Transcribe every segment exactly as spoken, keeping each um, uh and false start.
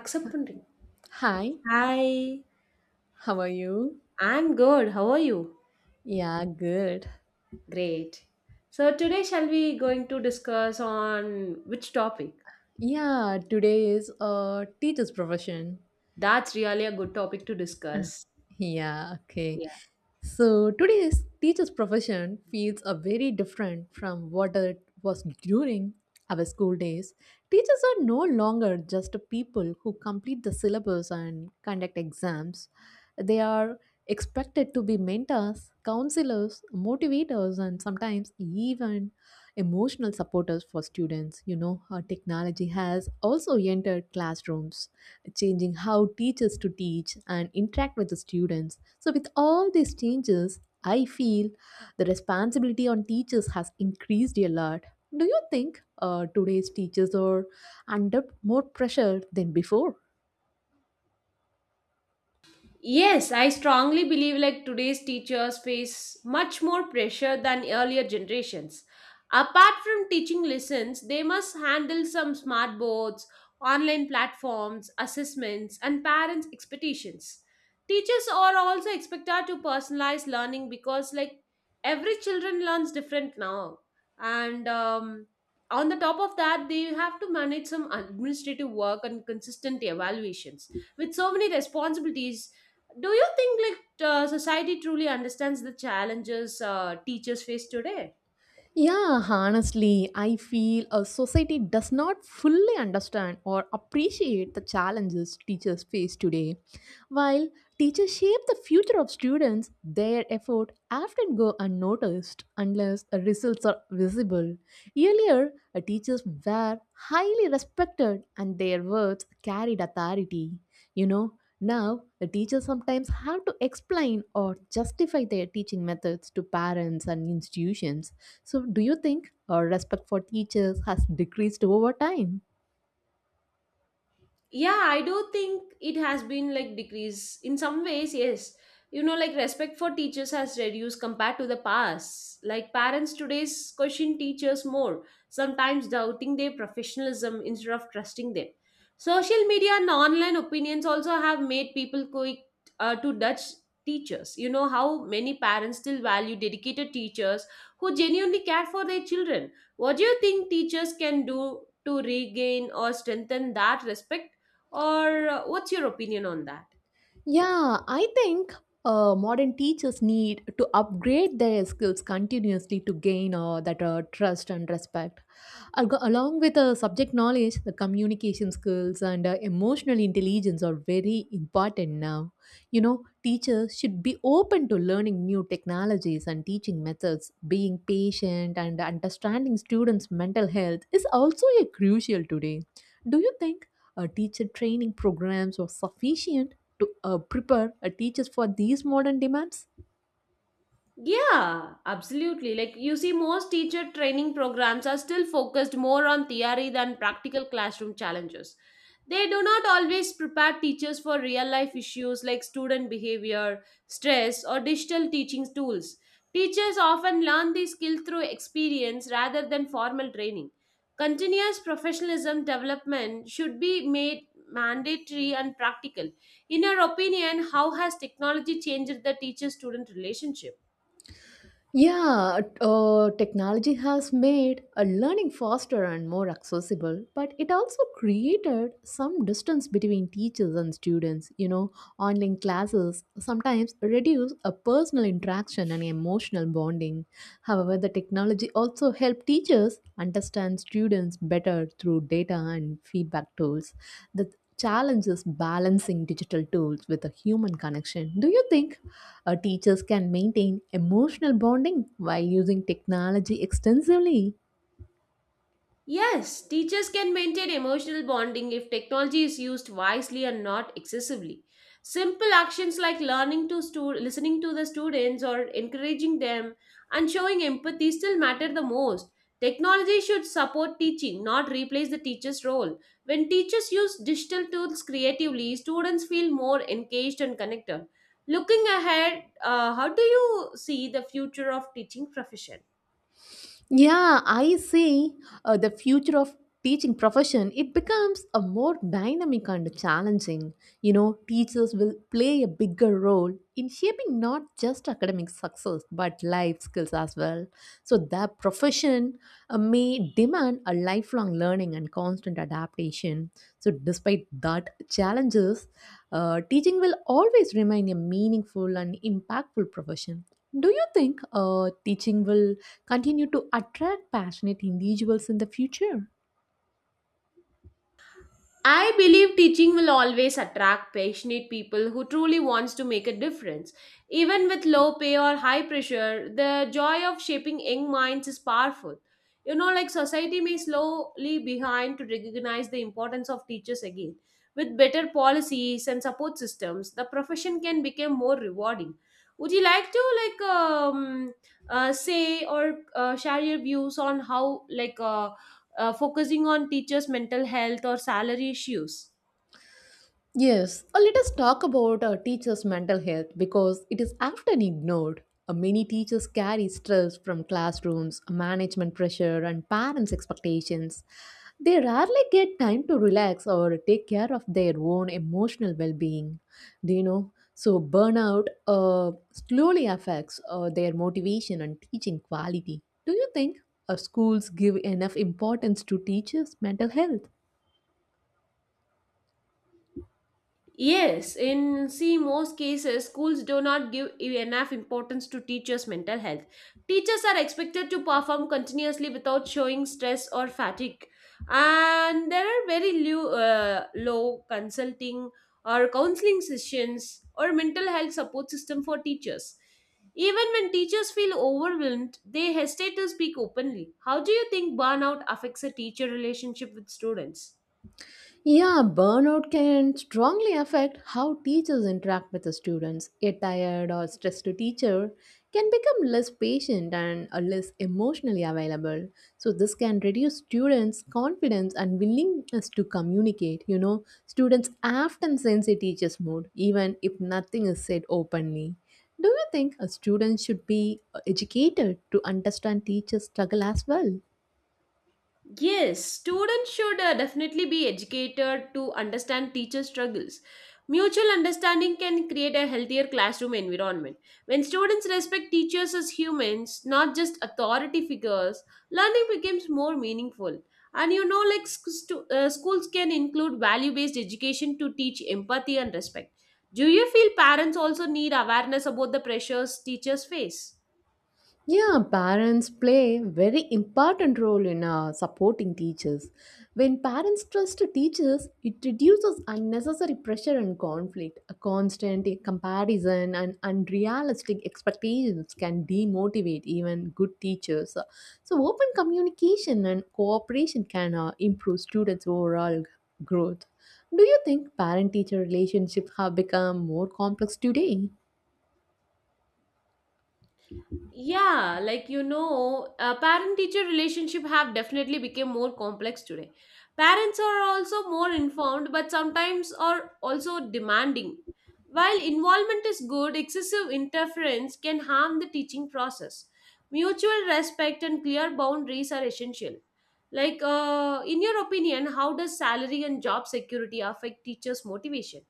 Accepting. Hi, Hi, how are you? I'm good. How are you? Yeah, good. Great. So today shall we going to discuss on which topic? Yeah, today is a teacher's profession. That's really a good topic to discuss. Yeah, okay. So today's teacher's profession feels a very different from what it was during our school days. Teachers are no longer just people who complete the syllabus and conduct exams. They are expected to be mentors, counselors, motivators, and sometimes even emotional supporters for students. You know, our technology has also entered classrooms changing how teachers to teach and interact with the students. So with all these changes, I feel the responsibility on teachers has increased a lot. Do you think uh, today's teachers are under more pressure than before? Yes, I strongly believe like today's teachers face much more pressure than earlier generations. Apart from teaching lessons, they must handle some smart boards, online platforms, assessments, and parents' expectations. Teachers are also expected to personalize learning because like every children learns different now. And um, On the top of that, they have to manage some administrative work and consistent evaluations. With so many responsibilities, do you think like uh, society truly understands the challenges uh, teachers face today? Yeah, honestly, I feel a society does not fully understand or appreciate the challenges teachers face today. While teachers shape the future of students, their effort often go unnoticed unless the results are visible. Earlier, uh, teachers were highly respected and their words carried authority. You know, now the teachers sometimes have to explain or justify their teaching methods to parents and institutions. So, do you think uh, respect for teachers has decreased over time? Yeah, I do think it has been like decrease in some ways, yes. You know, like respect for teachers has reduced compared to the past. Like parents today's question teachers more, sometimes doubting their professionalism instead of trusting them. Social media and online opinions also have made people quick, uh, to judge teachers. You know, how many parents still value dedicated teachers who genuinely care for their children? What do you think teachers can do to regain or strengthen that respect, or uh, what's your opinion on that? Yeah, I think uh, modern teachers need to upgrade their skills continuously to gain uh, that uh, trust and respect. Algo- Along with the subject knowledge, the communication skills and uh, emotional intelligence are very important now. You know, teachers should be open to learning new technologies and teaching methods. Being patient and understanding students' mental health is also a crucial today. Do you think uh, teacher training programs are sufficient to uh, prepare uh, teachers for these modern demands? Yeah, absolutely. Like you see, most teacher training programs are still focused more on theory than practical classroom challenges. They do not always prepare teachers for real life issues like student behavior, stress, or digital teaching tools. Teachers often learn these skills through experience rather than formal training. Continuous professionalism development should be made mandatory and practical. In your opinion, how has technology changed the teacher student relationship? Yeah, uh, technology has made uh, learning faster and more accessible, but it also created some distance between teachers and students. You know, online classes sometimes reduce a personal interaction and emotional bonding. However, the technology also helped teachers understand students better through data and feedback tools. The challenge is balancing digital tools with a human connection. Do you think uh, teachers can maintain emotional bonding while using technology extensively? Yes, teachers can maintain emotional bonding if technology is used wisely and not excessively. Simple actions like learning to stu- listening to the students or encouraging them and showing empathy still matter the most. Technology should support teaching, not replace the teacher's role. When teachers use digital tools creatively, students feel more engaged and connected. Looking ahead, uh, how do you see the future of teaching profession? Yeah, I see uh, the future of teaching profession it becomes a more dynamic and challenging. You know, teachers will play a bigger role in shaping not just academic success but life skills as well. So their profession uh, may demand a lifelong learning and constant adaptation. So despite that challenges, uh, teaching will always remain a meaningful and impactful profession. Do you think uh, teaching will continue to attract passionate individuals in the future? I believe teaching will always attract passionate people who truly wants to make a difference. Even with low pay or high pressure, the joy of shaping young minds is powerful. You know, like society may slowly behind to recognize the importance of teachers again. With better policies and support systems, the profession can become more rewarding. Would you like to like um, uh, say or uh, share your views on how like uh, uh, focusing on teachers' mental health or salary issues. Yes, uh, let us talk about uh, teachers' mental health because it is often ignored. Uh, many teachers carry stress from classrooms, management pressure, and parents' expectations. They rarely get time to relax or take care of their own emotional well being. Do you know? So, burnout uh, slowly affects uh, their motivation and teaching quality. Do you think uh, schools give enough importance to teachers' mental health? Yes, in see most cases, schools do not give enough importance to teachers' mental health. Teachers are expected to perform continuously without showing stress or fatigue, and there are very low, uh, low consulting or counseling sessions or mental health support system for teachers. Even when teachers feel overwhelmed, they hesitate to speak openly. How do you think burnout affects a teacher relationship with students? Yeah, burnout can strongly affect how teachers interact with the students. A tired or stressed teacher can become less patient and uh, less emotionally available. So, this can reduce students' confidence and willingness to communicate. You know, students often sense a teacher's mood, even if nothing is said openly. Do you think a student should be uh, educated to understand teachers' struggle as well? Yes, students should uh, definitely be educated to understand teacher struggles. Mutual understanding can create a healthier classroom environment. When students respect teachers as humans, not just authority figures, learning becomes more meaningful. And you know, like sc- stu- uh, schools can include value based education to teach empathy and respect. Do you feel parents also need awareness about the pressures teachers face? Yeah, parents play very important role in uh, supporting teachers. When parents trust teachers, it reduces unnecessary pressure and conflict. A constant comparison and unrealistic expectations can demotivate even good teachers. So, open communication and cooperation can uh, improve students' overall growth. Do you think parent teacher relationships have become more complex today? Yeah, like you know, uh, parent teacher relationship have definitely become more complex today. Parents are also more informed, but sometimes are also demanding. While involvement is good, excessive interference can harm the teaching process. Mutual respect and clear boundaries are essential. Like uh, in your opinion, how does salary and job security affect teachers motivation?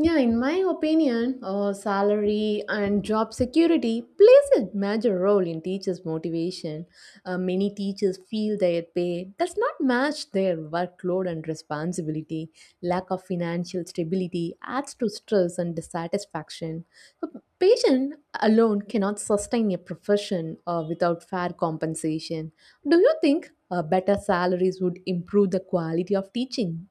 Yeah, in my opinion, uh, salary and job security plays a major role in teachers' motivation. Uh, many teachers feel their pay does not match their workload and responsibility. Lack of financial stability adds to stress and dissatisfaction. So, Patient alone cannot sustain a profession uh, without fair compensation. Do you think uh, better salaries would improve the quality of teaching?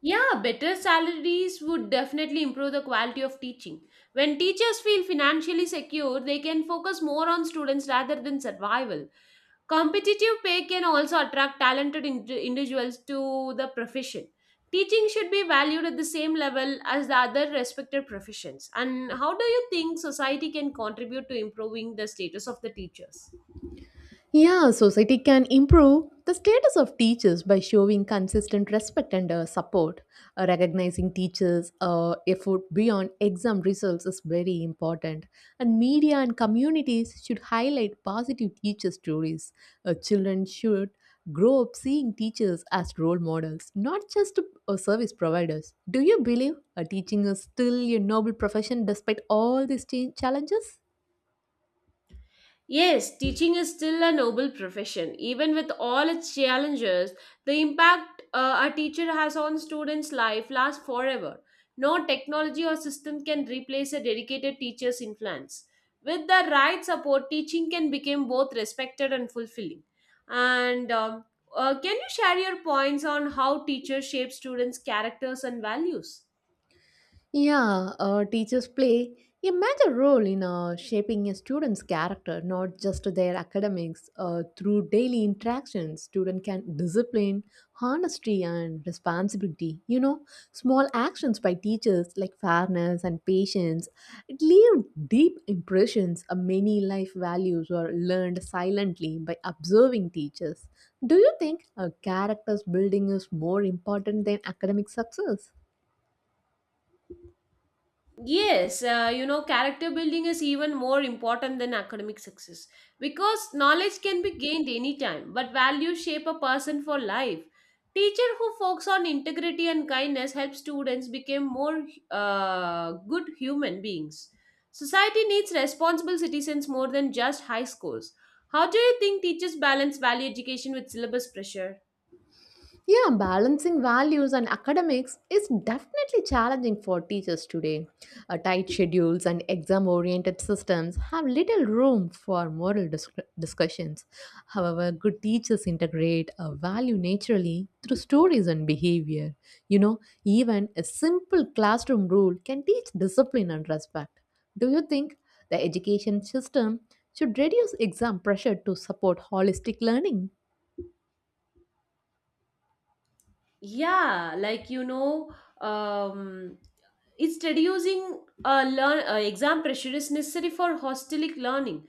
Yeah, better salaries would definitely improve the quality of teaching. When teachers feel financially secure, they can focus more on students rather than survival. Competitive pay can also attract talented ind- individuals to the profession. Teaching should be valued at the same level as the other respected professions. And how do you think society can contribute to improving the status of the teachers? Yeah, society can improve the status of teachers by showing consistent respect and uh, support. Uh, recognizing teachers' uh, effort beyond exam results is very important. And media and communities should highlight positive teacher stories. Uh, children should grow up seeing teachers as role models, not just uh, service providers. Do you believe uh, teaching is still a noble profession despite all these cha- challenges? Yes, teaching is still a noble profession. Even with all its challenges, the impact uh, a teacher has on students' life lasts forever. No technology or system can replace a dedicated teacher's influence. With the right support, teaching can become both respected and fulfilling. And um, uh, Can you share your points on how teachers shape students' characters and values? Yeah, uh, teachers play a major role in uh, shaping a student's character, not just their academics. Uh, through daily interactions, student can discipline, honesty, and responsibility. You know, small actions by teachers like fairness and patience it leave deep impressions. Uh, many life values are learned silently by observing teachers. Do you think a character's building is more important than academic success? Yes, uh, you know, character building is even more important than academic success because knowledge can be gained anytime, but values shape a person for life. Teacher who focuses on integrity and kindness help students become more uh, good human beings. Society needs responsible citizens more than just high scores. How do you think teachers balance value education with syllabus pressure? Yeah, balancing values and academics is definitely challenging for teachers today. Uh, tight schedules and exam oriented systems have little room for moral dis- discussions. However, good teachers integrate a value naturally through stories and behavior. You know, even a simple classroom rule can teach discipline and respect. Do you think the education system should reduce exam pressure to support holistic learning? Yeah, like you know, um, It's reducing uh, learn, uh, exam pressure is necessary for holistic learning.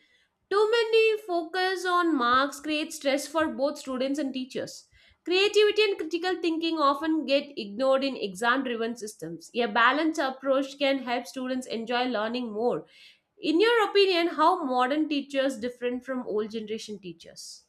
Too many focus on marks creates stress for both students and teachers. Creativity and critical thinking often get ignored in exam driven systems. A balanced approach can help students enjoy learning more. In your opinion, how modern teachers different from old generation teachers?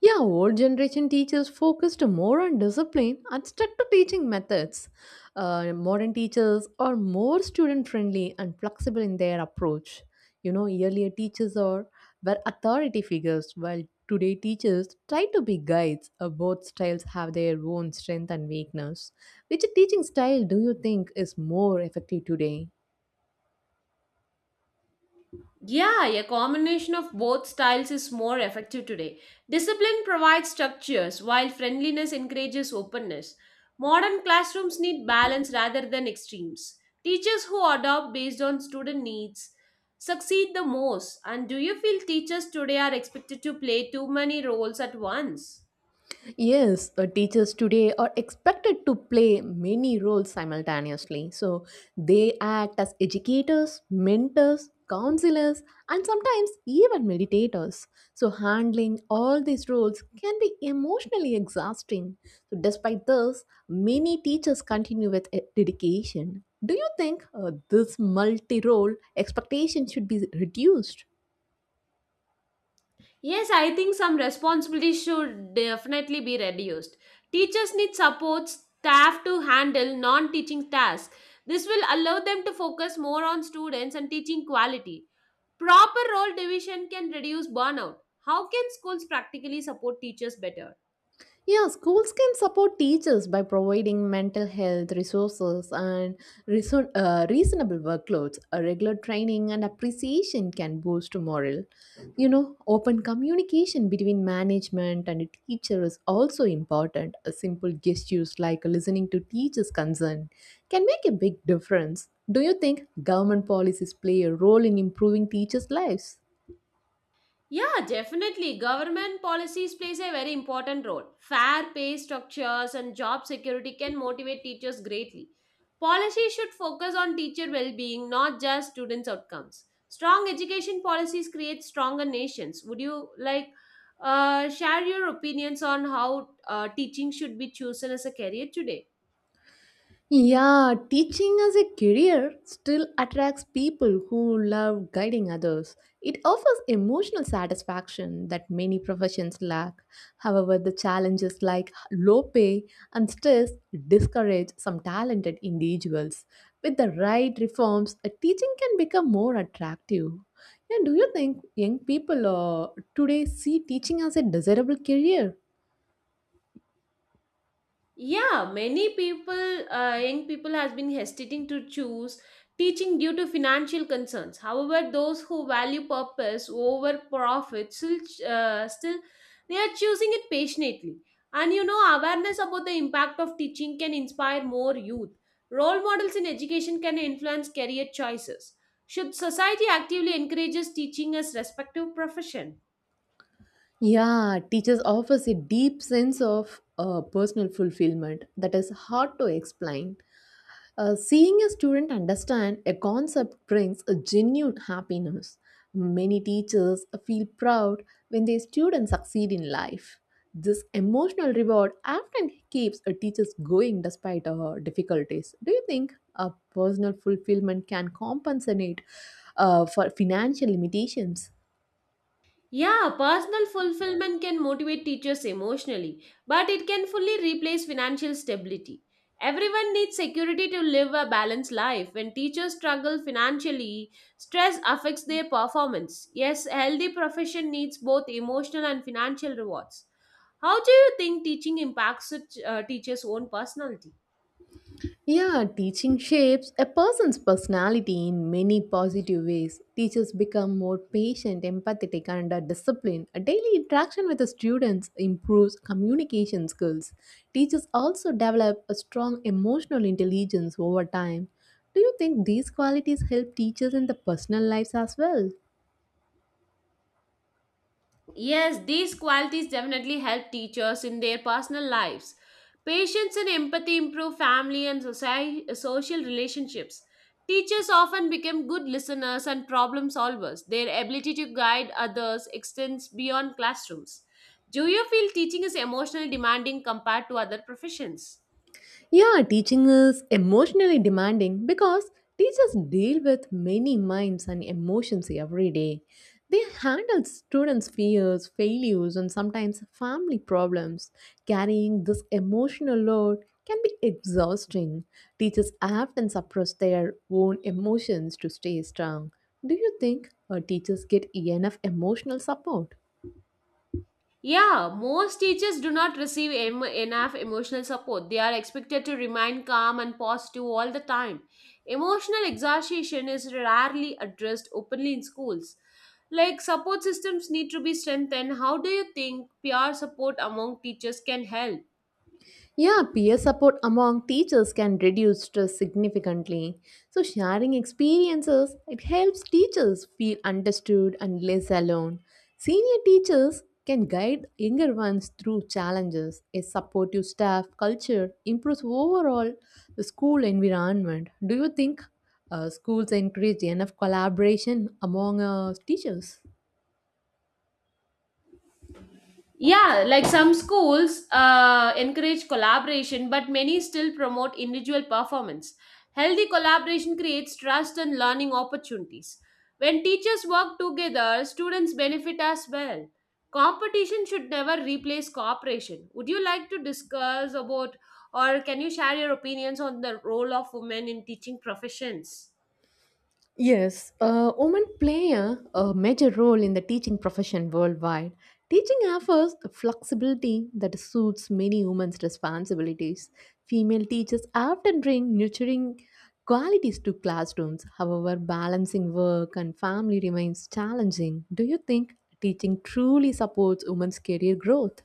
Yeah, old generation teachers focused more on discipline and stuck to teaching methods. Uh, modern teachers are more student friendly and flexible in their approach. You know, earlier teachers are were authority figures, while today teachers try to be guides. Uh, both styles have their own strength and weakness. Which teaching style do you think is more effective today? Yeah, a combination of both styles is more effective today. Discipline provides structures, while friendliness encourages openness. Modern classrooms need balance rather than extremes. Teachers who adopt based on student needs succeed the most. And do you feel teachers today are expected to play too many roles at once? Yes, uh, teachers today are expected to play many roles simultaneously. So they act as educators, mentors, counselors, and sometimes even meditators. So handling all these roles can be emotionally exhausting. So, despite this, many teachers continue with e- dedication. Do you think uh, this multi role expectation should be reduced? Yes, I think some responsibility should definitely be reduced. Teachers need support staff to handle non teaching tasks. This will allow them to focus more on students and teaching quality. Proper role division can reduce burnout. How can schools practically support teachers better? Yeah, schools can support teachers by providing mental health resources and reason, uh, reasonable workloads. A regular training and appreciation can boost morale. You know, open communication between management and teacher is also important. A simple gestures like listening to teachers' concern can make a big difference. Do you think government policies play a role in improving teachers' lives? Yeah, definitely. Government policies plays a very important role. Fair pay structures and job security can motivate teachers greatly. Policies should focus on teacher well-being, not just students' outcomes. Strong education policies create stronger nations. Would you like uh, share your opinions on how uh, teaching should be chosen as a career today? Yeah, teaching as a career still attracts people who love guiding others. It offers emotional satisfaction that many professions lack. However, the challenges like low pay and stress discourage some talented individuals. With the right reforms, a teaching can become more attractive. Yeah, do you think young people uh, today see teaching as a desirable career? Yeah, Many people, uh, young people, has been hesitating to choose teaching due to financial concerns. However, those who value purpose over profit still, uh, still, they are choosing it passionately. And you know, awareness about the impact of teaching can inspire more youth. Role models in education can influence career choices. Should society actively encourages teaching as respective profession? Yeah, teachers offers a deep sense of uh, personal fulfillment that is hard to explain. Uh, seeing a student understand a concept brings a genuine happiness. Many teachers feel proud when their students succeed in life. This emotional reward often keeps a teachers going despite uh, difficulties. Do you think a personal fulfillment can compensate uh, for financial limitations? Yeah, personal fulfillment can motivate teachers emotionally, but it can fully replace financial stability. Everyone needs security to live a balanced life. When teachers struggle financially, stress affects their performance. Yes, a healthy profession needs both emotional and financial rewards. How do you think teaching impacts a ch- uh, teacher's own personality? Yeah, teaching shapes a person's personality in many positive ways. Teachers become more patient, empathetic, and uh, disciplined. A daily interaction with the students improves communication skills. Teachers also develop a strong emotional intelligence over time. Do you think these qualities help teachers in the personal lives as well? Yes, these qualities definitely help teachers in their personal lives. Patience and empathy improve family and society, social relationships. Teachers often become good listeners and problem solvers. Their ability to guide others extends beyond classrooms. Do you feel teaching is emotionally demanding compared to other professions? Yeah, teaching is emotionally demanding because teachers deal with many minds and emotions every day. They handle students' fears, failures, and sometimes family problems. Carrying this emotional load can be exhausting. Teachers often suppress their own emotions to stay strong. Do you think uh, teachers get enough emotional support? Yeah, most teachers do not receive em- enough emotional support. They are expected to remain calm and positive all the time. Emotional exhaustion is rarely addressed openly in schools. Like support systems need to be strengthened. How do you think peer support among teachers can help? Yeah, peer support among teachers can reduce stress significantly. So, sharing experiences, it helps teachers feel understood and less alone. Senior teachers can guide younger ones through challenges. A supportive staff culture improves overall the school environment. Do you think uh, schools encourage enough collaboration among uh, teachers? Yeah, like some schools uh, encourage collaboration, but many still promote individual performance. Healthy collaboration creates trust and learning opportunities. When teachers work together, students benefit as well. Competition should never replace cooperation. Would you like to discuss about, or can you share your opinions on the role of women in teaching professions? Yes, uh, women play a, a major role in the teaching profession worldwide. Teaching offers a flexibility that suits many women's responsibilities. Female teachers often bring nurturing qualities to classrooms. However, balancing work and family remains challenging. Do you think teaching truly supports women's career growth?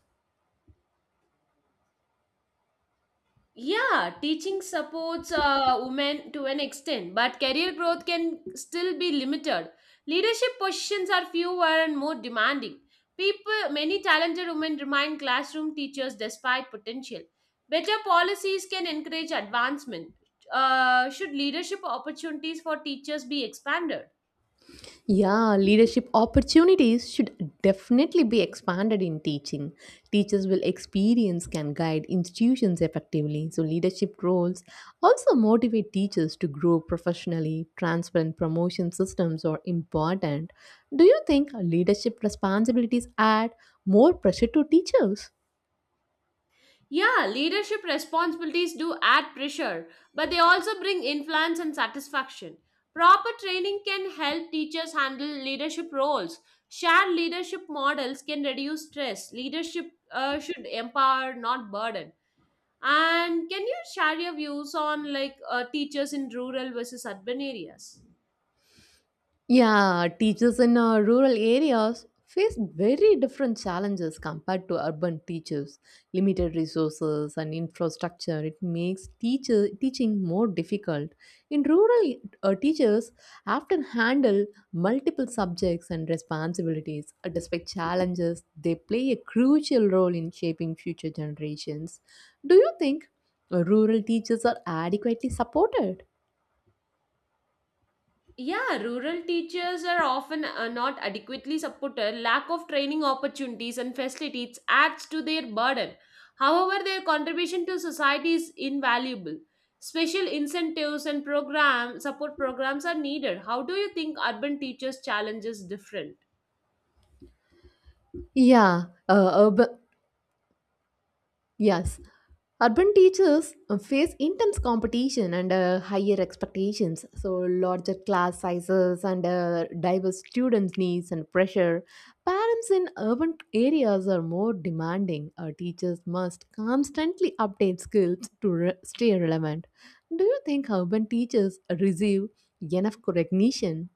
Yeah, teaching supports uh, women to an extent, but career growth can still be limited. Leadership positions are fewer and more demanding. People, many talented women remain classroom teachers despite potential. Better policies can encourage advancement. Uh, should leadership opportunities for teachers be expanded? Yeah, leadership opportunities should definitely be expanded in teaching. Teachers will experience can guide institutions effectively. So leadership roles also motivate teachers to grow professionally. Transparent promotion systems are important. Do you think leadership responsibilities add more pressure to teachers? Yeah, leadership responsibilities do add pressure, but they also bring influence and satisfaction. Proper training can help teachers handle leadership roles. Shared leadership models can reduce stress. Leadership uh, should empower, not burden. And can you share your views on like uh, teachers in rural versus urban areas? Yeah, teachers in uh, rural areas face very different challenges compared to urban teachers. Limited resources and infrastructure, it makes teacher teaching more difficult. In rural uh, teachers often handle multiple subjects and responsibilities. Uh, Despite challenges, they play a crucial role in shaping future generations. Do you think uh, rural teachers are adequately supported? Yeah, rural teachers are often uh, not adequately supported. Lack of training opportunities and facilities adds to their burden. However, their contribution to society is invaluable. Special incentives and program support programs are needed. How do you think urban teachers' challenges different? Yeah, uh, urban, Yes, urban teachers uh, face intense competition and uh, higher expectations. So, larger class sizes and uh, diverse students' needs and pressure. Parents in urban areas are more demanding. Uh, teachers must constantly update skills to re- stay relevant. Do you think urban teachers receive enough recognition?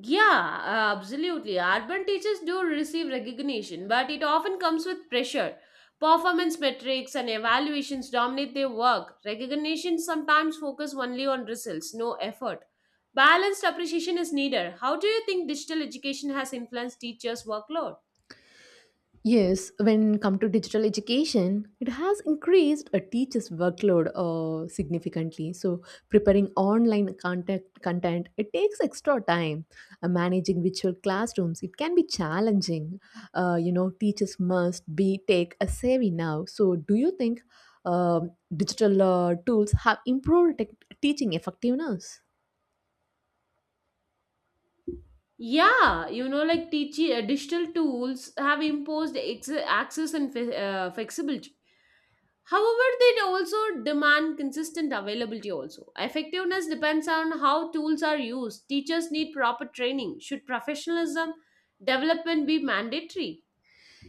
Yeah, uh, absolutely. Urban teachers do receive recognition, but it often comes with pressure. Performance metrics and evaluations dominate their work. Recognition sometimes focus only on results, no effort. Balanced appreciation is needed. How do you think digital education has influenced teachers' workload? Yes, when come to digital education, it has increased a teacher's workload uh, significantly. So preparing online content, content, it takes extra time. Uh, managing virtual classrooms, it can be challenging. Uh, you know, teachers must be take a savvy now. So do you think um digital uh, tools have improved tech teaching effectiveness? Yeah, you know, like teaching uh, digital tools have imposed ex- access and fe- uh, flexibility. However, they also demand consistent availability also. Effectiveness depends on how tools are used. Teachers need proper training. Should professionalism development be mandatory?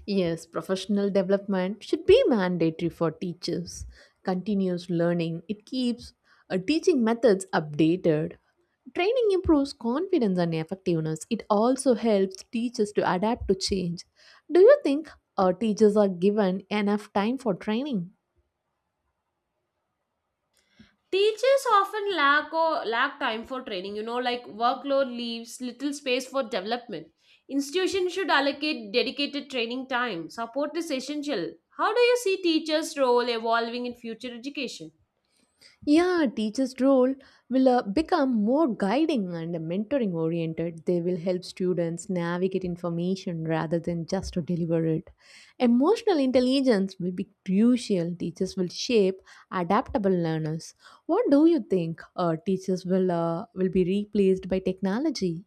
Yes, professional development should be mandatory for teachers. Continuous learning, it keeps uh, teaching methods updated. Training improves confidence and effectiveness. It also helps teachers to adapt to change. Do you think uh, teachers are given enough time for training? Teachers often lack or lack time for training, you know, like workload leaves little space for development. Institutions should allocate dedicated training time. Support is essential. How do you see teachers' role evolving in future education? Yeah, teachers' role will uh, become more guiding and mentoring oriented. They will help students navigate information rather than just to deliver it. Emotional intelligence will be crucial. Teachers will shape adaptable learners. What do you think? Uh, teachers will uh, will be replaced by technology?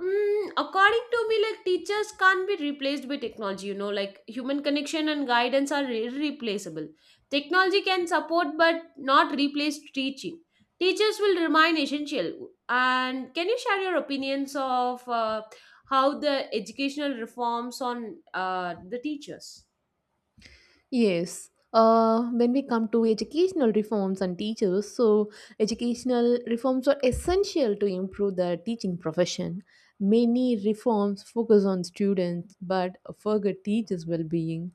Mm, according to me, like teachers can't be replaced by technology, you know, like human connection and guidance are irreplaceable. Technology can support but not replace teaching. Teachers will remain essential. And can you share your opinions of uh, how the educational reforms on uh, the teachers? Yes. Uh, when we come to educational reforms and teachers, so educational reforms are essential to improve the teaching profession. Many reforms focus on students but forget teachers' well being.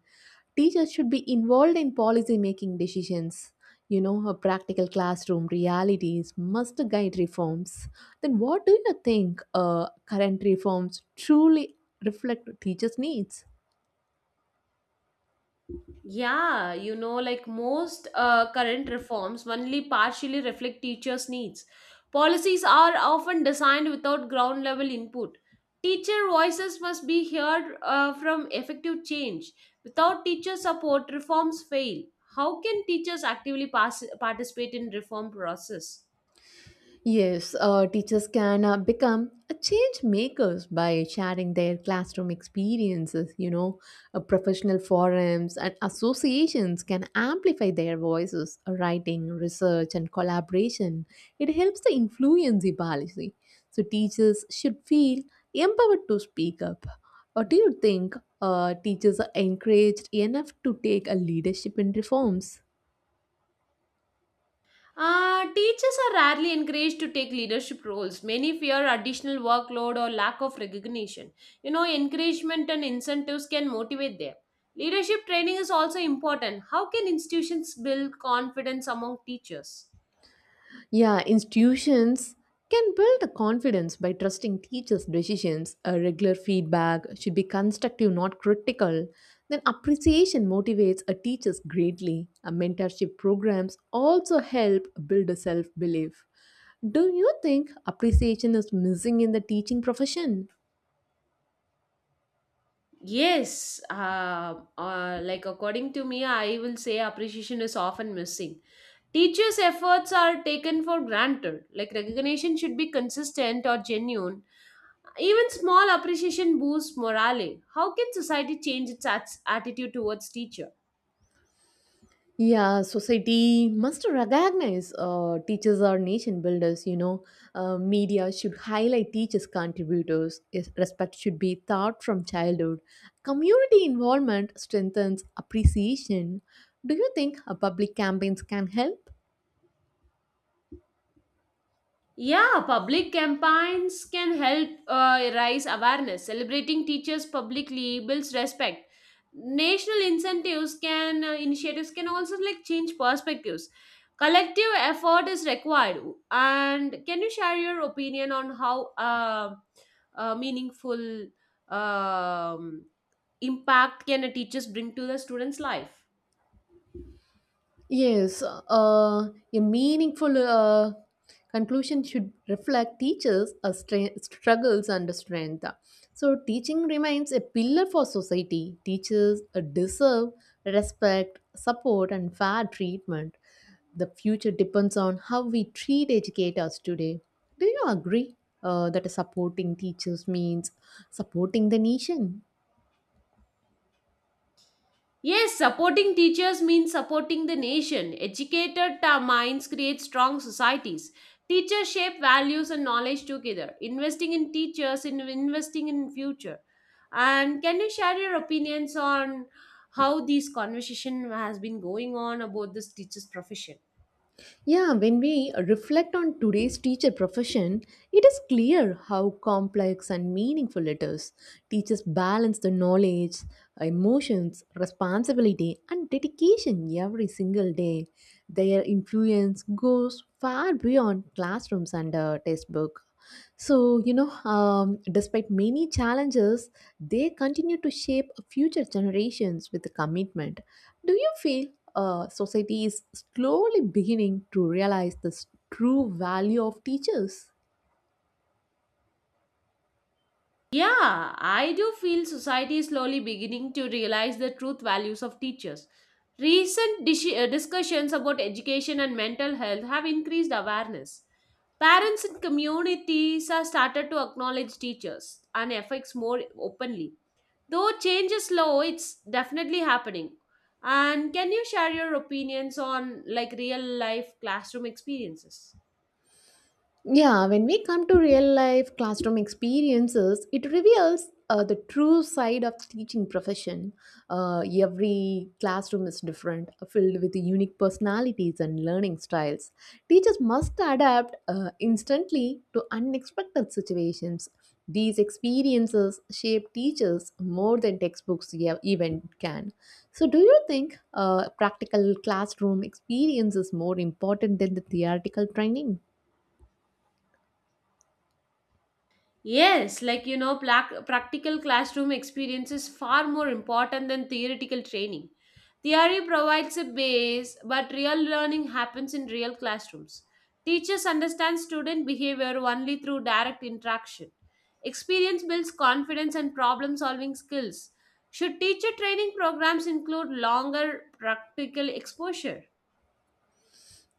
Teachers should be involved in policy making decisions. You know, a practical classroom realities must guide reforms. Then, what do you think uh, current reforms truly reflect teachers' needs? Yeah, you know, like most uh, current reforms only partially reflect teachers' needs. Policies are often designed without ground level input. Teacher voices must be heard uh, from effective change. Without teacher support, reforms fail. How can teachers actively pass- participate in reform process? Yes, uh, teachers can uh, become a change makers by sharing their classroom experiences. You know, uh, professional forums and associations can amplify their voices, uh, writing, research, and collaboration. It helps the influence the policy. So teachers should feel empowered to speak up. Or do you think uh, teachers are encouraged enough to take a leadership in reforms? Uh, teachers are rarely encouraged to take leadership roles. Many fear additional workload or lack of recognition. You know, encouragement and incentives can motivate them. Leadership training is also important. How can institutions build confidence among teachers? Yeah, institutions can build the confidence by trusting teachers' decisions. A regular feedback should be constructive, not critical. Then appreciation motivates a teachers greatly. A mentorship programs also help build a self-belief. Do you think appreciation is missing in the teaching profession? Yes, uh, uh, like according to me, I will say appreciation is often missing. Teachers' efforts are taken for granted. Like recognition should be consistent or genuine. Even small appreciation boosts morale. How can society change its ats- attitude towards teacher? Yeah, society must recognize uh, teachers are nation builders, you know. Uh, media should highlight teachers' contributors. Yes, respect should be taught from childhood. Community involvement strengthens appreciation. Do you think uh, public campaigns can help? Yeah, public campaigns can help uh, raise awareness. Celebrating teachers publicly builds respect. National incentives can uh, initiatives can also like change perspectives. Collective effort is required. And can you share your opinion on how uh, uh, meaningful um, impact can a teachers bring to the students' life? Yes, uh, a meaningful uh, conclusion should reflect teachers' uh, stra- struggles and strength. So, teaching remains a pillar for society. Teachers uh, deserve respect, support, and fair treatment. The future depends on how we treat educators today. Do you agree uh, that supporting teachers means supporting the nation? Yes, supporting teachers means supporting the nation. Educated ta- minds create strong societies. Teachers shape values and knowledge together. Investing in teachers in investing in future. And can you share your opinions on how this conversation has been going on about this teachers profession? Yeah, when we reflect on today's teacher profession, it is clear how complex and meaningful it is. Teachers balance the knowledge, emotions, responsibility, and dedication every single day. Their influence goes far beyond classrooms and uh, textbook. So, you know, um, despite many challenges, they continue to shape future generations with commitment. Do you feel uh, society is slowly beginning to realize the true value of teachers? Yeah, I do feel society is slowly beginning to realize the truth values of teachers. Recent dis- uh, discussions about education and mental health have increased awareness. Parents and communities are started to acknowledge teachers and effects more openly. Though change is slow, it's definitely happening. And can you share your opinions on like real life classroom experiences? Yeah, when we come to real life classroom experiences, it reveals uh, the true side of teaching profession. Uh, every classroom is different, uh, filled with unique personalities and learning styles. Teachers must adapt uh, instantly to unexpected situations. These experiences shape teachers more than textbooks e- even can. So, do you think uh, practical classroom experience is more important than the theoretical training? Yes, like you know, plac- practical classroom experience is far more important than theoretical training. Theory provides a base, but real learning happens in real classrooms. Teachers understand student behavior only through direct interaction. Experience builds confidence and problem solving skills. Should teacher training programs include longer practical exposure?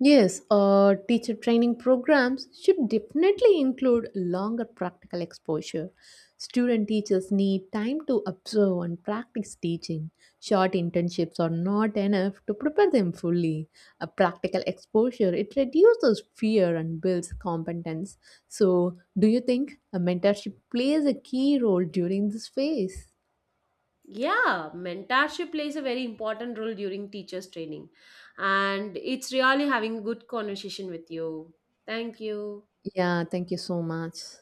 Yes, uh, teacher training programs should definitely include longer practical exposure. Student teachers need time to observe and practice teaching. Short internships are not enough to prepare them fully. A practical exposure it reduces fear and builds competence. So, do you think a mentorship plays a key role during this phase? Yeah, mentorship plays a very important role during teachers' training. And it's really having a good conversation with you. Thank you. Yeah, thank you so much.